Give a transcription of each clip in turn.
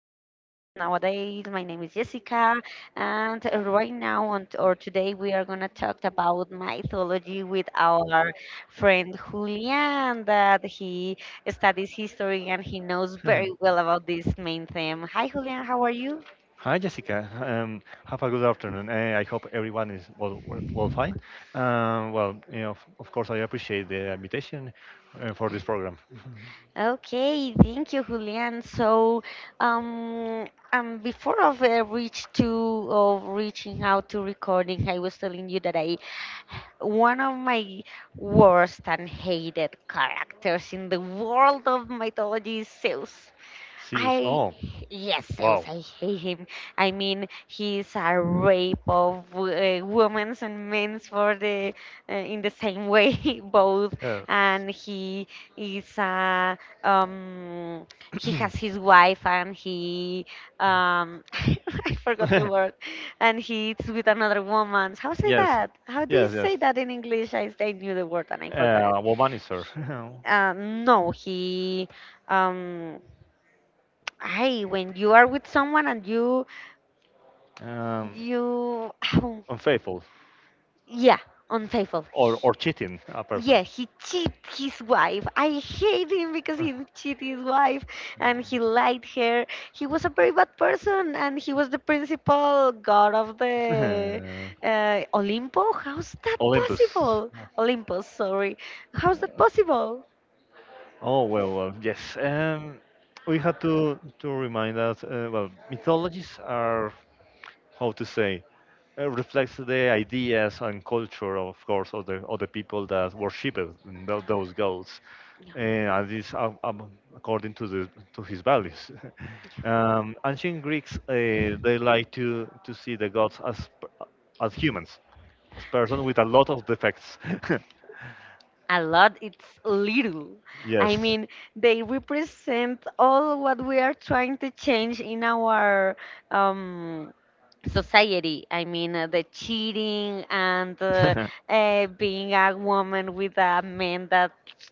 podcast nowadays. My name is Jessica, and right now on or today we are gonna talk about mythology with our friend Julian, that he studies history and he knows very Mhm. well about this main theme. Hi Julian, how are you? Hi, Jessica. Have a good afternoon. I hope everyone is well, well fine. Well, of course, I appreciate the invitation for this program. Okay, thank you, Julian. So, um, before of reaching out to recording, I was telling you that I one of my worst and hated characters in the world of mythology is Zeus. See you. I, Oh, yes, wow. I hate him. I mean, he's a rape of women's and men's for in the same way, both. Yeah. And he is, a um, he has his wife and I forgot the word, and he's with another woman. How say yes. that? How do you Yes. say Yes. that in English? I knew the word and I forgot it. Womanizer. No, um, I when you are with someone and you um, you Unfaithful yeah unfaithful. or cheating a person. Yeah, he cheat his wife. I hate him because he cheat his wife and he lied her. He was a very bad person and he was the principal god of the Olympo. How's that Olympus. possible? Olympus, sorry. How's that possible? Oh well, yes. We have to remind us. Well, mythologies are how to say reflects the ideas and culture, of course, of the people that worship it, those gods, and this according to the to his values. Ancient Greeks they like to see the gods as as humans, as person with a lot of defects. A lot, it's little. Yes. I yes. mean they represent all what we are trying to change in our um society. I mean the cheating and being a woman with a man that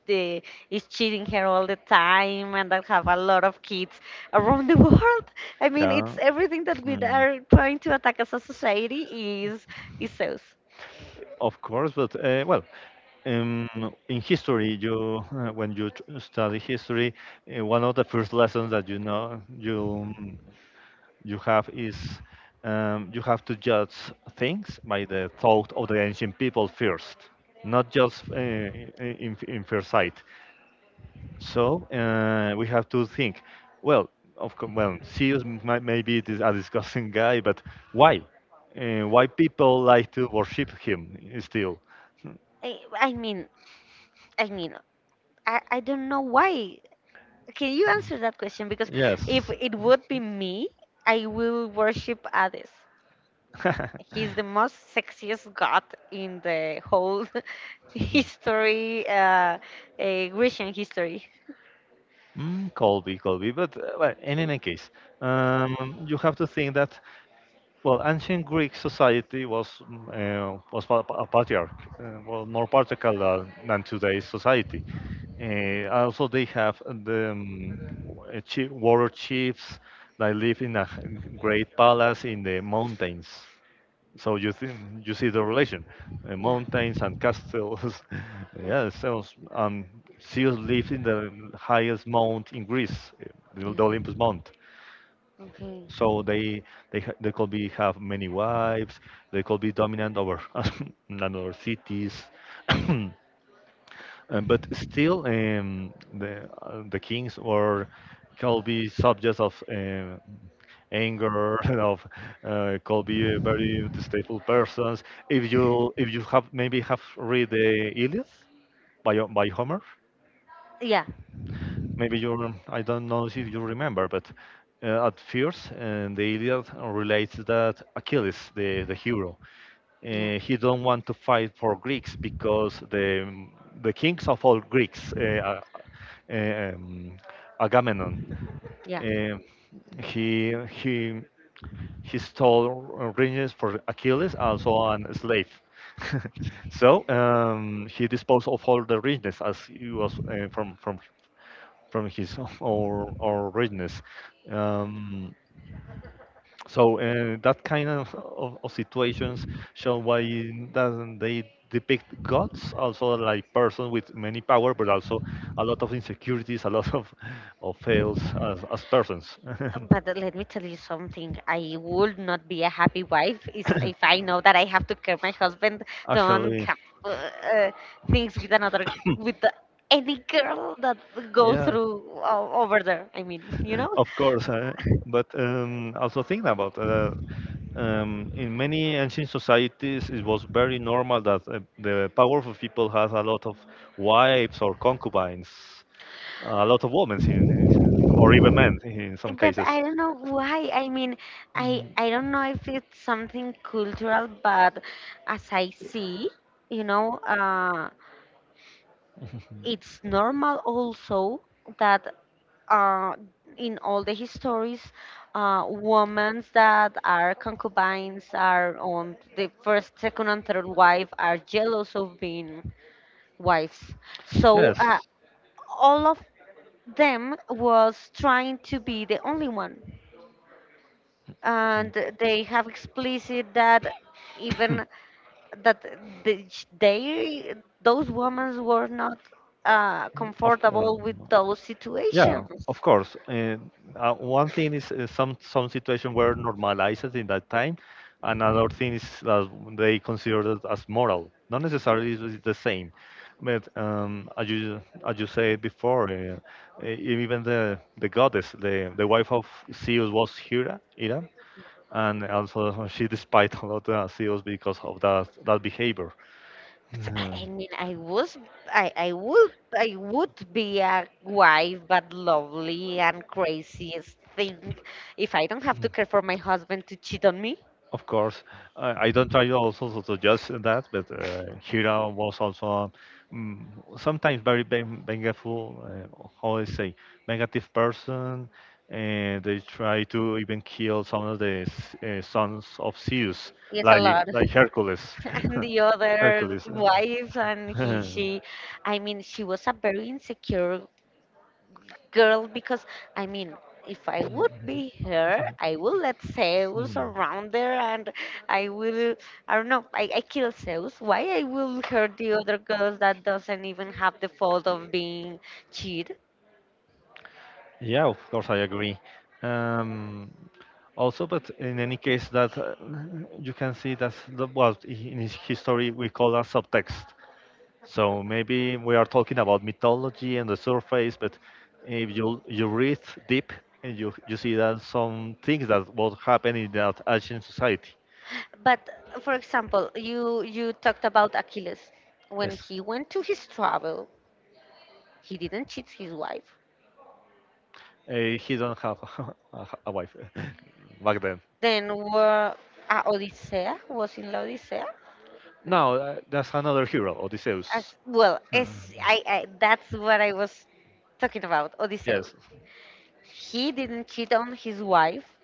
uh, is cheating her all the time and that have a lot of kids around the world. I fix mean Yeah. it's everything that we Mm, are trying to attack as a society is is those. of course, but well, um, in history, you when you study history, one of the first lessons that you know you have is you have to judge things by the thought of the ancient people first, not just in first sight. So we have to think. Well, of course, well, Zeus, might maybe it is a disgusting guy, but why? Why people like to worship him still? i, I mean I mean, I don't know why. Can you answer that question? Because Yes. if it would be me, I will worship Hades. He's the most sexiest god in the whole Mhm. history, Grecian history. Colby, Colby, but well, in any case, um, you have to think that well, ancient Greek society was patriarch, well, more patriarchal than today's society. Also, they have the warrior chiefs that live in a great palace in the mountains. So you see the relation, Yeah. mountains and castles. Yeah. yeah, so um, Zeus lives in the highest mount in Greece, uh, the Yeah. the Olympus Mount. Okay. So they they could be have many wives. They could be dominant over another cities. But still, the kings were could be subjects of anger, of could be very distasteful persons. If you have maybe have read the Iliad by by Homer, Yeah. maybe you I don't know if you remember, but at first the Iliad relates that Achilles, the hero, Yeah. He don't want to fight for Greeks because the kings of all Greeks, uh, um, Agamemnon, Yeah. uh, he he he stole rings for Achilles, also an slave. so he disposed of all the richness as it was from his or richness. Um, so that kind of situations show why doesn't they depict gods also like person with many power, but also a lot of insecurities, a lot of fails as persons. But let me tell you something. I would not be a happy wife is if I know that I have to care my husband don't Actually, have uh, uh, things with another with the, any girl that go yeah, through over there. I mean, you know. of course. But Also think about in many ancient societies, it was very normal that the powerful people had a lot of wives or concubines. A lot of women in, or even men in some But cases. I don't know why. I mean, I don't know if it's something cultural, but as I see, you know, uh, it's normal also that uh, in all the histories, women that are concubines are on the first, second, and third wife are jealous of being wives. So Yes, all of them was trying to be the only one and they have explicit that even that the- they those women were not of course. comfortable with those Yeah, of situations. course. And one thing is some situation were normalized in that time. Another thing is that they considered it as moral. Not necessarily it is the same, but as you said before, e- even the goddess, the wife of Zeus was Hera, Hera, and also she despises a lot of CEOs because of that behavior. So, Mhm. I mean, I would be a wife, but lovely and craziest thing if I don't have to care for my husband to cheat on me. Of course, I don't try also to suggest that, but Hira was also mm, sometimes very vengeful, how I say, negative person, and they try to even kill some of the sons of Zeus, Yes, a like lot. like Hercules, And the other Hercules. Wife and he she. I mean she was a very insecure girl because I mean if I would be her I will let Zeus Mm. around there and i will I don't know, I kill Zeus, why I will hurt the other girls that doesn't even have the fault of being cheated. Yeah, of course, I agree. Um, Also, but in any case, that you can see that the, what in his history we call a subtext. So maybe we are talking about mythology and the surface, but if you read deep, and you see that some things that what happened in that ancient society. But for example you talked about Achilles when Yes, he went to his travel he didn't cheat his wife. uh, he don't have a, a wife back then. Then were Odisea was in La Odisea. Now that's another hero, Odysseus. As well, as I that's what I was talking about. Odysseus. Yes. He didn't cheat on his wife,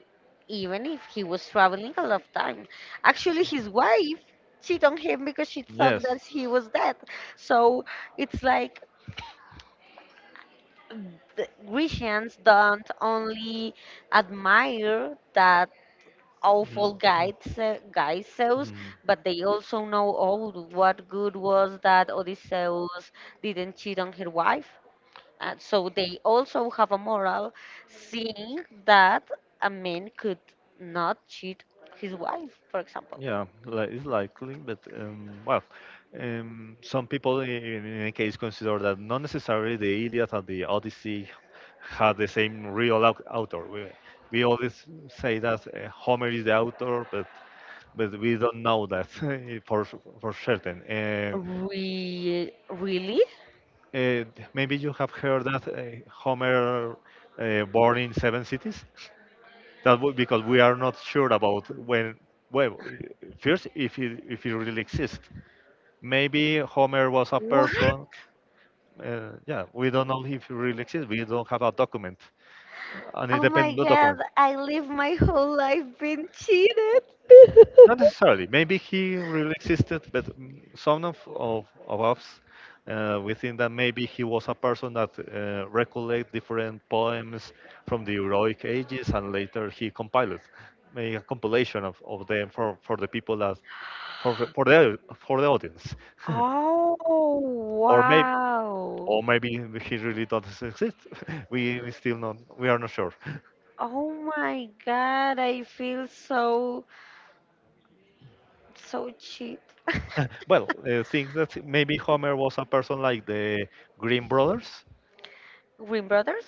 even if he was traveling a lot of time. Actually, his wife cheated on him because she thought Yes. that he was dead. So it's like the Grecians don't only admire that Mhm. awful guides, Mm. Odysseus, Mm, but they also know all what good was that Odysseus didn't cheat on his wife. So they also have a moral seeing that a man could not cheat his wife, for example. Yeah, like it's likely, but well, some people in any case consider that not necessarily the Iliad and the Odyssey had the same real author. We always say that Homer is the author, but we don't know that for for certain. Really? uh, Maybe you have heard that Homer born in seven cities. That because we are not sure about when well first if it really exists maybe homer was a What? person yeah we don't know if he really exists we don't have a document an Oh my independent God, document I live my whole life being cheated. not necessarily maybe he really existed but some of us we think that maybe he was a person that recollect different poems from the heroic ages and later he compiled made a compilation of them for the people that for the audience, Oh, or maybe wow. or maybe he really doesn't exist. We still not we are not sure. Oh my God, I feel so, so cheat. well, think that maybe Homer was a person like the Green Brothers. Green Brothers?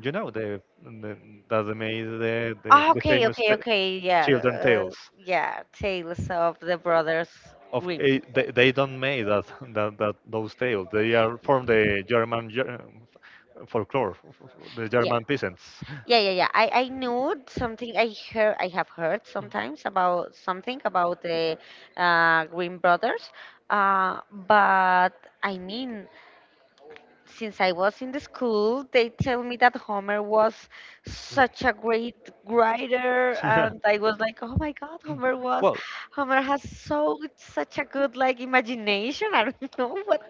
You know the that they made Ah, the okay, famous okay, okay, yeah. children tales. Yeah, Tales of the Brothers Of eh, Grimm. They don't make that, those tales. They are from the German folklore, the Yeah. German peasants. Yeah, yeah, yeah. I knew something. I heard. I have heard sometimes about something about the Green Brothers, uh, but I mean, since I was in the school, they tell me that Homer was such a Mm. great writer, and I was like, oh my God, Well, Homer has so such a good like imagination. I don't know what.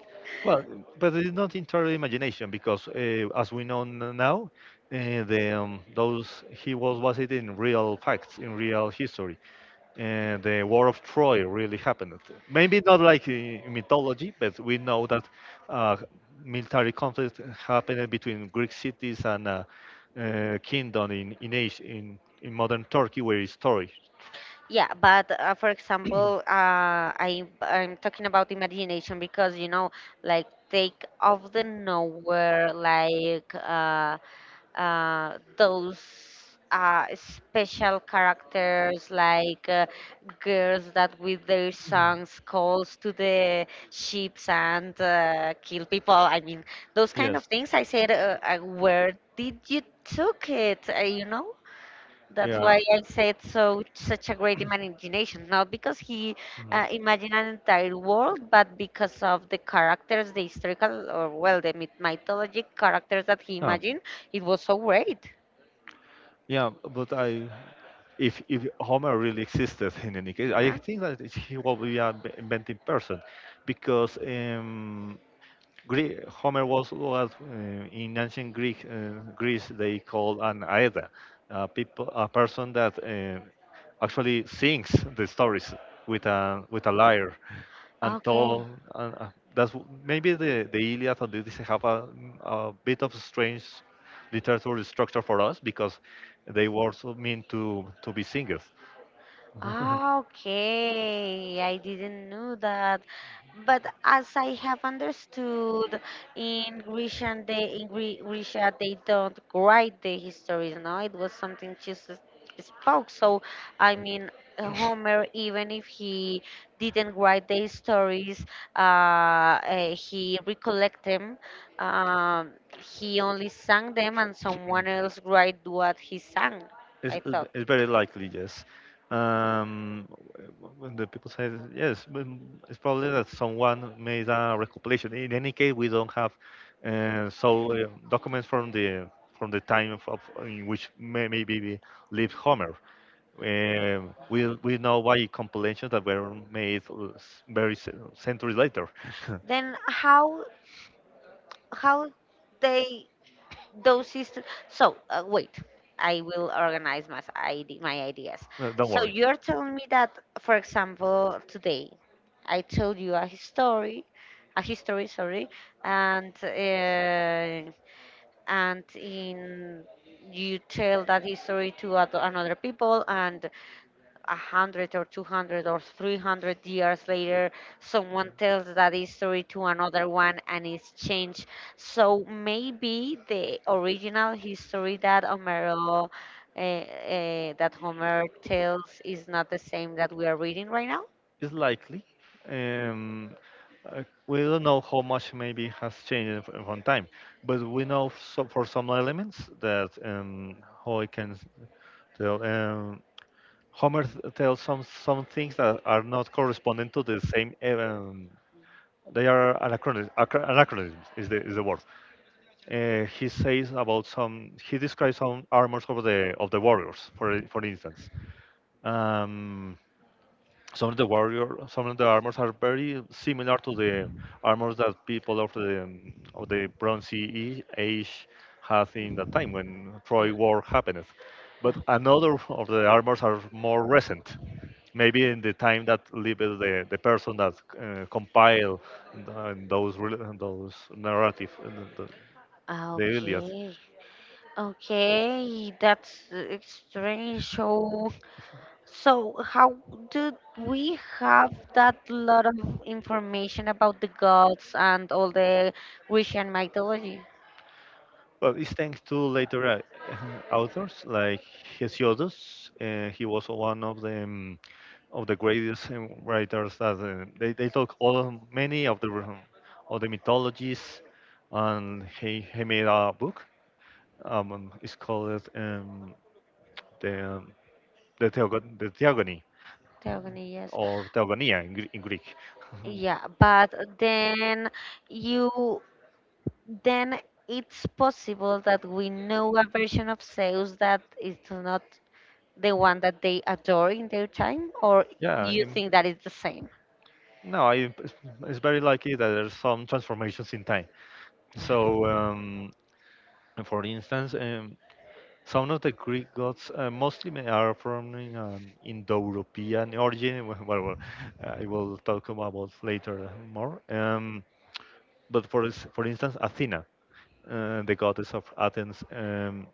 well, but it's not entirely imagination because, as we know now, the those he was based in real facts, in real history, and the War of Troy really happened. Maybe not like in mythology, but we know that uh, military conflict happened between Greek cities and kingdom in, Asia, in modern Turkey, where is Troy. Yeah, but for example, I'm talking about imagination because you know, like take off the nowhere, like those special characters, like girls that with their songs calls to the ships and kill people. I mean, those kind of Yes. things. I said, where did you took it? You know? That's Yeah. why I said so such a great imagination, not because he Mhm. Imagined an entire world, but because of the characters, the historical or well, the mythologic characters that he Yeah. imagined. It was so great. Yeah, but I, if Homer really existed in any case, I Yeah. think that he will be an invented person, because Gre Homer was in ancient Greek Greece they called an aeda, a people a person that actually sings the stories with a lyre and Okay. told. And, that's maybe the Iliad and Odyssey have a bit of strange literary structure for us because they were so meant to be singers. Ah, okay, I didn't know that. But as I have understood, in Grecia, they, in Gre- Grecia, they don't write the histories, no? It was something Jesus spoke. So, I mean, Homer, even if he didn't write the stories, uh, he recollect them. He only sang them, and someone else write what he sang, It's, I it's thought. it's very likely, yes. Um, w- when the people say that, yes, but it's probably that someone made a recompilation. In any case, we don't have documents from the time of in which maybe we lived Homer. We know by compilations that were made very centuries later. Then how? How they those systems? So wait, I will organize my my ideas. Don't So worry. you're telling me that for example today I told you a history, sorry, and uh, and in you tell that history to another people and 100 or 200 or 300 years later, someone tells that history to another one and it's changed. So maybe the original history that Homer tells is not the same that we are reading right now. It's likely. Um, we don't know how much maybe has changed from time, but we know so for some elements that how I can tell. Homer tells some things that are not corresponding to the same. They are anachronisms. Anachronisms is the word. He says about some. He describes some armors of the warriors, for instance. Um, some of the warrior some of the armors are very similar to the armors that people of the bronze age had in that time when Yeah, troy war happened yeah. but another of the armors are more recent maybe in the time that lived the person that compiled the, those those narrative the, the, Ah, iliad okay, okay, that's strange. So, how do we have that lot of information about the gods and all the Grecian mythology? well it's thanks to later authors like hesiodus he was one of the greatest writers that they talk all many of the mythologies and he made a book it's called the um, the theogony Theogony, yes. or theogonia in, in greek Yeah, but then you then it's possible that we know a version of Zeus that is not the one that they adore in their time, or yeah you im- think that it's the same? no I, it's it's very likely that there's some transformations in time so for instance some of the Greek gods are from an Indo-European origin. Well, I will talk about later more. But for for instance, Athena, the goddess of Athens,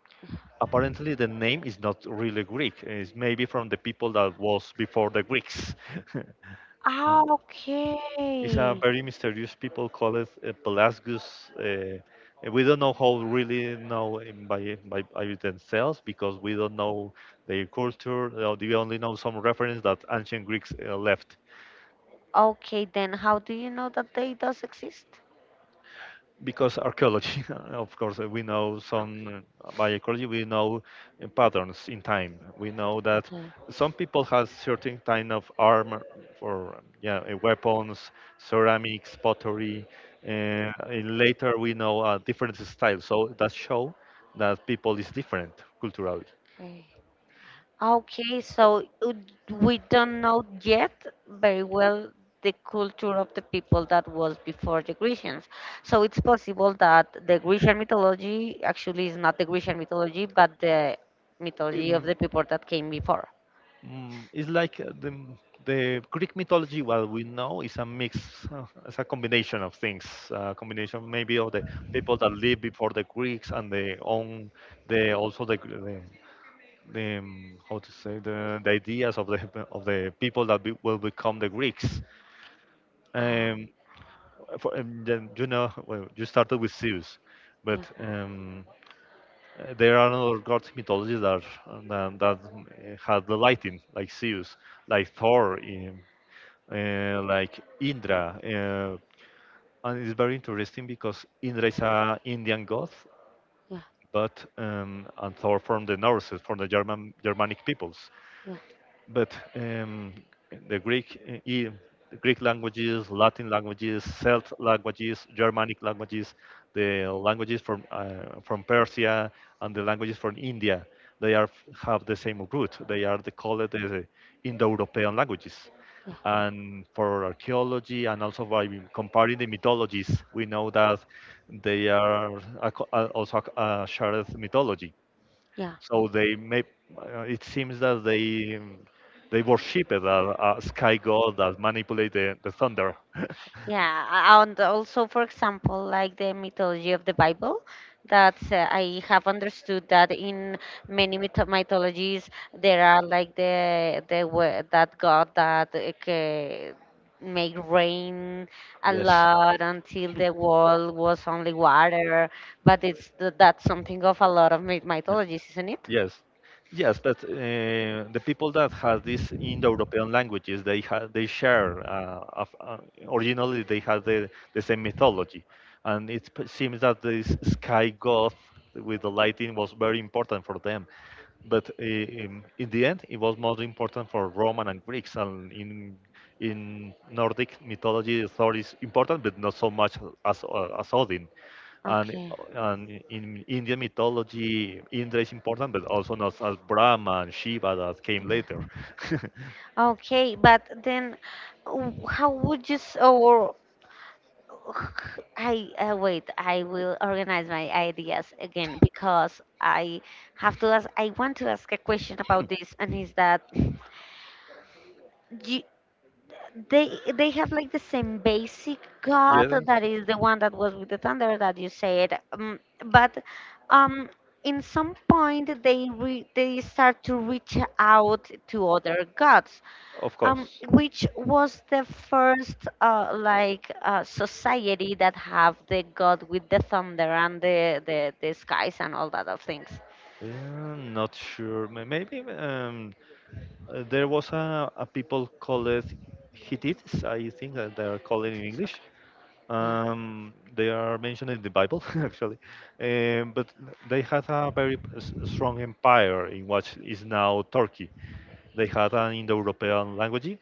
apparently the name is not really Greek. It's maybe from the people that was before the Greeks. Ah, It's a okay. very mysterious people call it Pelasgus. Uh, we don't know how really know him by by themselves because we don't know their culture. We only know some reference that ancient Greeks left. Okay, then how do you know that they does exist? Because archaeology, of course, we know some by archaeology we know patterns in time. We know that Okay, some people has certain kind of armor for yeah weapons, ceramics, pottery. Uh, and later we know different styles, so that show that people is different culturally. okay. Okay, we don't know yet very well the culture of the people that was before the Grecians. So it's possible that the Grecian mythology actually is not the Grecian mythology, but the mythology of Um, the people that came before. It's like the Greek mythology. What we know is a mix, it's a combination of things. A combination maybe of the people that lived before the Greeks and the own the also the Gr- the how to say the ideas of the people that will become the Greeks. Oh, Um, then, well, you started with Zeus, yeah, but there are other gods mythologies that had the lighting, like Zeus, like Thor. Like Indra, and it's very interesting because Indra is an Indian god, yeah, but and Thor from the Norse, from the Germanic peoples. yeah, But the Greek, uh, i- the Greek languages, Latin languages, Celt languages, Germanic languages, the languages from Persia, and the languages from India, they are have the same root. They are the called the Indo-European languages. yeah, And for archaeology, and also by comparing the mythologies, we know that they are also a shared mythology, yeah. so it seems that they worship it as a sky god that manipulate the thunder. Yeah, and also, for example, like the mythology of the Bible, that I have understood that in many mythologies there are like that God that make rain a Yes. lot until the world was only water, but that's something of a lot of Uh, mythologies, isn't it? Yes, yes, but the people that have these Indo-European languages, they have they share. Uh, of, uh, Originally, they had the same mythology, and seems that this sky god with the lighting was very important for them. But in the end, it was more important for Roman and Greeks, and in Nordic mythology, Thor is important, but not so much as Odin. And, Okay. and in Indian mythology, Indra is important, but also known as Brahma and Shiva that came Yeah. later. Okay, but then w- how would you s- or I wait. I will organize my ideas again because I have to ask. I want to ask a question about this, and is that you, they have like the same basic god Yes. that is the one that was with the thunder that you said, but um, in some point they start to reach out to other gods, Of course. which was the first like society that have the god with the thunder and the skies and all that of things. Yeah, I'm not sure. Maybe there was a people called it Hittites, I think that they are called in Okay. English. Yeah. They are mentioned in the Bible, actually, but they had a very strong empire in what is now Turkey. They had an Indo-European language.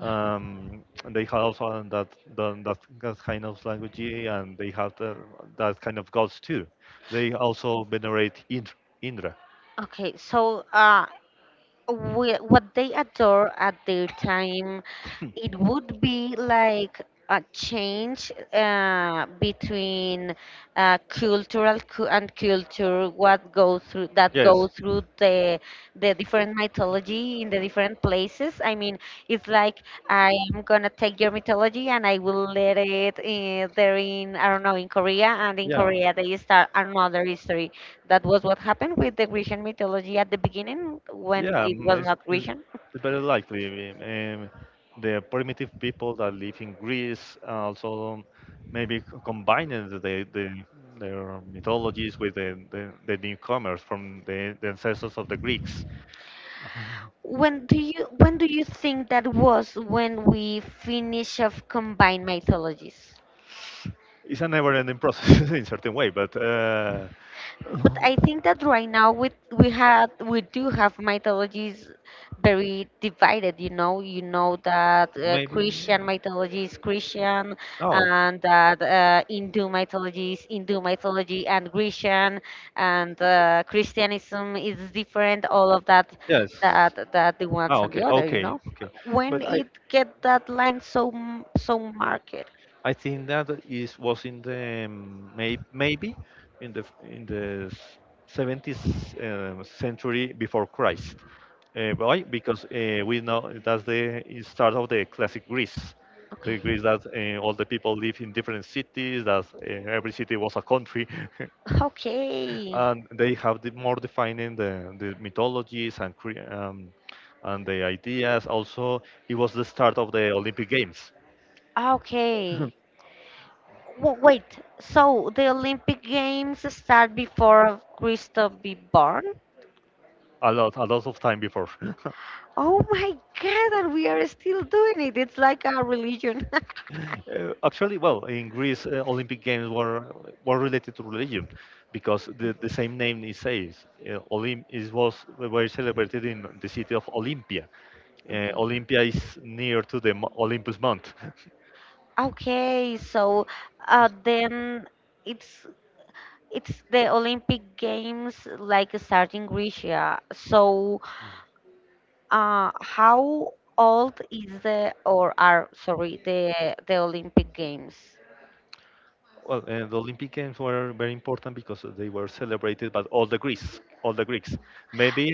And they had also that, done that that kind of language, and they had that kind of gods too. They also venerate Indra. Okay. So what they adore at their time it would be like a change between and culture what go through that Yes. go through the different mythology in the different places. I mean, it's like I am gonna take your mythology and I will let it there in I don't know in Korea, and in Yeah. Korea they start another history. That was what happened with the Grecian mythology at the beginning when Yeah, it was it's, not Grecian. it's very likely. The primitive people that live in Greece also maybe combined the, their mythologies with the newcomers from the ancestors of the Greeks. When do you think that was when we finish of combined mythologies? It's a never-ending process in certain way, but But I think that right now we do have mythologies very divided. You know that maybe Christian mythology is Christian, no. and that Hindu mythology is Hindu mythology, and Grecian and Christianism is different. All of that, Yes. that the ones Oh, and the okay, other. You okay, know, okay. when But I, it get that line so marked. I think that is was in the maybe in the 70th century before Christ. Why? Because we know that's the start of the classic Greece, the Greece that all the people live in Okay. different cities, that every city was a country, Okay. and they have the more defining the mythologies and and the ideas. Also, it was the start of the Olympic Games. Okay. Wait. So the Olympic Games start before Christo be born? A lot of time before. Oh my God! And we are still doing it. It's like a religion. Actually, well, in Greece Olympic Games were related to religion, because the same name it says Olymp- it was were celebrated in the city of Olympia. Okay. Olympia is near to the Olympus mount. Okay. So, then it's it's the Olympic Games like starting in. So how old is the or are, sorry, the Olympic Games? Well, the Olympic Games were very important because they were celebrated by all the Greeks maybe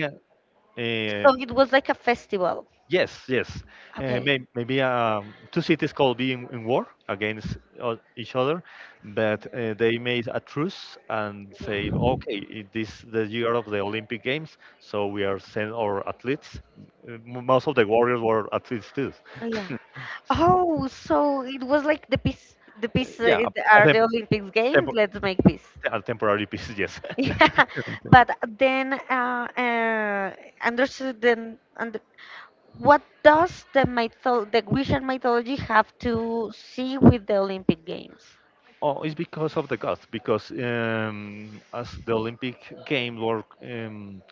uh, So it was like a festival. Yes, yes. Okay. Maybe two cities could be in war against each other, but they made a truce and say, Yeah. okay, this the year of the Olympic Games, so we are send our athletes. Most of the warriors were athletes too. Yeah. Oh, so it was like the peace Yeah, it a are the tem- Olympics Games. tempo- Let's make peace. a temporary piece, yes. Yeah. But then understood then under what does the Grecian mythology have to see with the Olympic Games? Oh, it's because of the gods, because as the Olympic Games were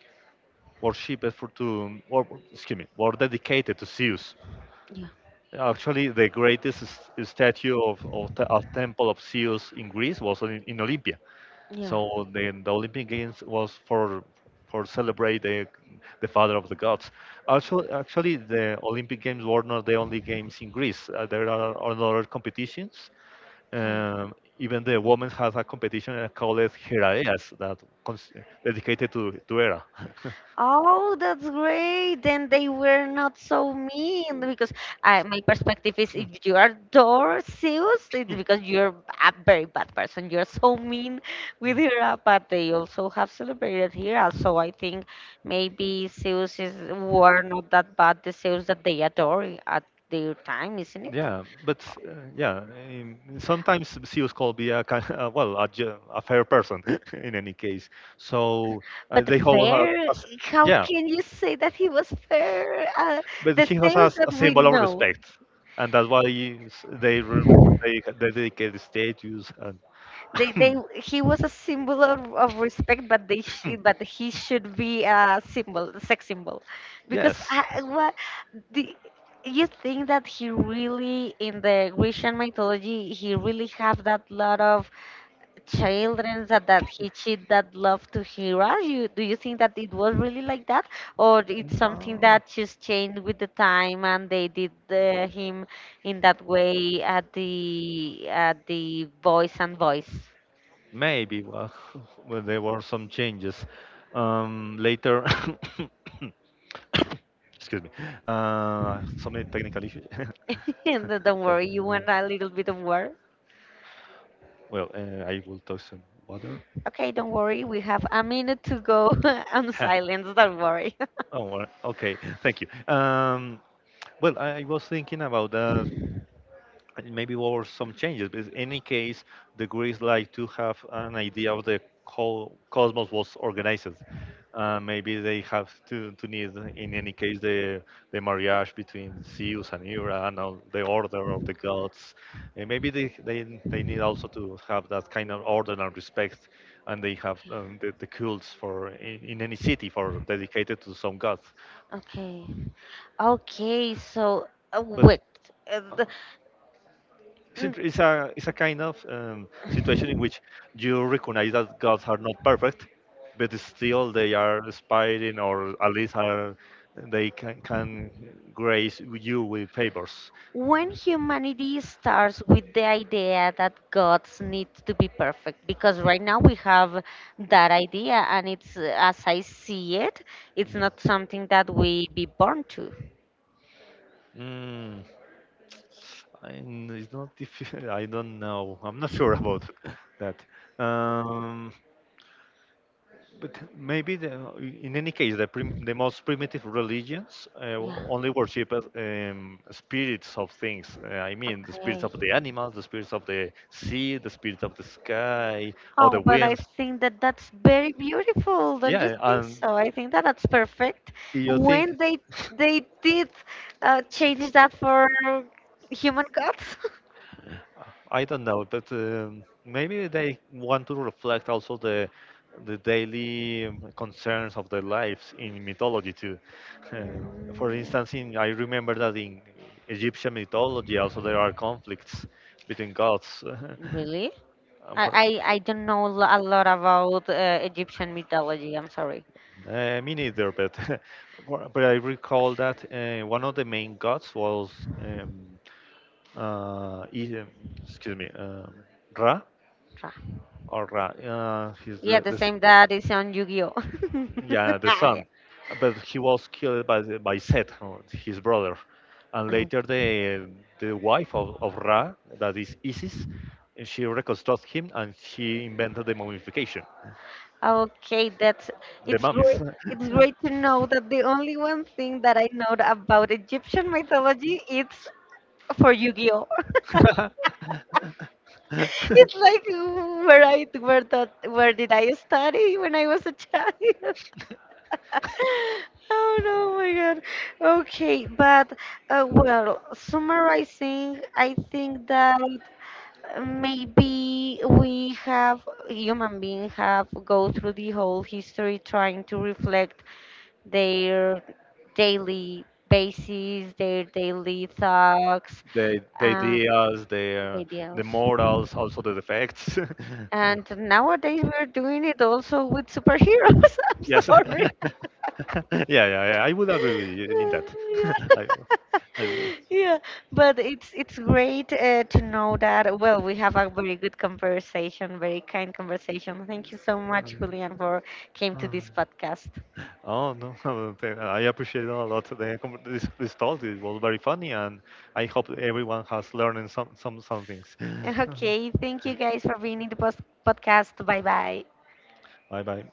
worship for to, or excuse me, were dedicated to Zeus. Yeah. Actually, the greatest statue of temple of Zeus in Greece was in Olympia. Yeah. So the Olympic Games was for celebrate the father of the gods. Also, actually, the Olympic Games were not the only games in Greece. There are other competitions. Okay. Even the women has a competition called Heraeas dedicated to Hera. Oh, that's great. Then they were not so mean because my perspective is if you are dorseus, it's because you're a very bad person. You're so mean with her, but they also have celebrated here. So I think maybe Zeus is were not that bad. The Zeus that they adore at their time, isn't it? Yeah, but yeah, sometimes CEOs could be a kind well, a fair person in any case. So But they hold a, a fair, s- how Yeah, can you say that he was fair? But The he has a, Zeus s- that a we symbol of know. respect, and that's why s- they re- they dedicate the statues and He was a symbol of respect, but they, sh but he should be a symbol, a sex symbol, because yes. The, you think that he really in the Grecian mythology he really have that lot of children that he cheat that love to Hera? You do you think that it was really like that, or it's something that just changed with the time and they did him in that way at the voice and voice? Maybe, well, well there were some changes. Later, excuse me, some technical issues. And then don't Thank worry, you you. want a little bit of water? Well, I will talk some water. Okay, don't worry, we have a minute to go on Huh. silence, don't worry. Oh, well, okay. Thank you. Um, well, I was thinking about that and maybe over some changes. But in any case, the Greeks like to have an idea of the whole cosmos was organized. Maybe they have to need, in any case, the marriage between Zeus and Hera and all the order of the gods. And maybe they need also to have that kind of order and respect, and they have the cults for in any city for dedicated to some gods. Okay. Okay, so But wait. uh, the- It's, mm, int- it's a it's a kind of situation in which you recognize that gods are not perfect, but still they are aspiring, or at least are they can grace you with favors. When humanity starts with the idea that gods need to be perfect, because right now we have that idea, and it's, as I see it, it's Mhm. not something that we be born to. Mm, and it's not difficult. I don't know. I'm not sure about that. Um, But maybe in any case, the most primitive religions Yeah. only worship spirits of things. I mean, the spirits Okay. of the animals, the spirits of the sea, the spirits of the sky, or Oh, the but I winds. think that that's very beautiful. Don't you Yeah, think and so? I think that that's perfect. you think. When they did change that for human gods. I don't know, but maybe they want to reflect also the daily concerns of their lives in mythology too. Uh, for Mm, instance, I remember that in Egyptian mythology also there are conflicts between gods. mm, really? Uh, I, for- I don't know a lot about Egyptian mythology. I'm sorry. Me neither, but but I recall that one of the main gods was um, uh, I- um, excuse me, Ra Tra- or Ra. He's Yeah, the same that is on Yu-Gi-Oh. yeah, the Ah, son, but he was killed by by Set, his brother, and yeah. later the wife of Ra, that is Isis, she reconstructed him and she invented the mummification, Okay, that's the it's mummies. great. It's great to know that the only one thing that I know about Egyptian mythology it's for Yu-Gi-Oh. It's like where did I study when I was a child? Oh no, my God. Okay, but well, summarizing, I think that maybe we have human beings have go through the whole history trying to reflect their daily basis, their daily thoughts, The uh, ideas, the ideals. morals, also the defects. And nowadays we're doing it also with superheroes. I'm Yes. sorry. Yeah, yeah, yeah, I would agree with you in that. Yeah. I, I will. Yeah, but it's great to know that. Well, we have a very good conversation, very kind conversation. Thank you so much, Um, Julian, for came to um, this podcast. Oh no, I appreciate a lot this talk. It was very funny, and I hope everyone has learned some things. Okay, thank you guys for being in the post podcast. Bye bye. Bye bye.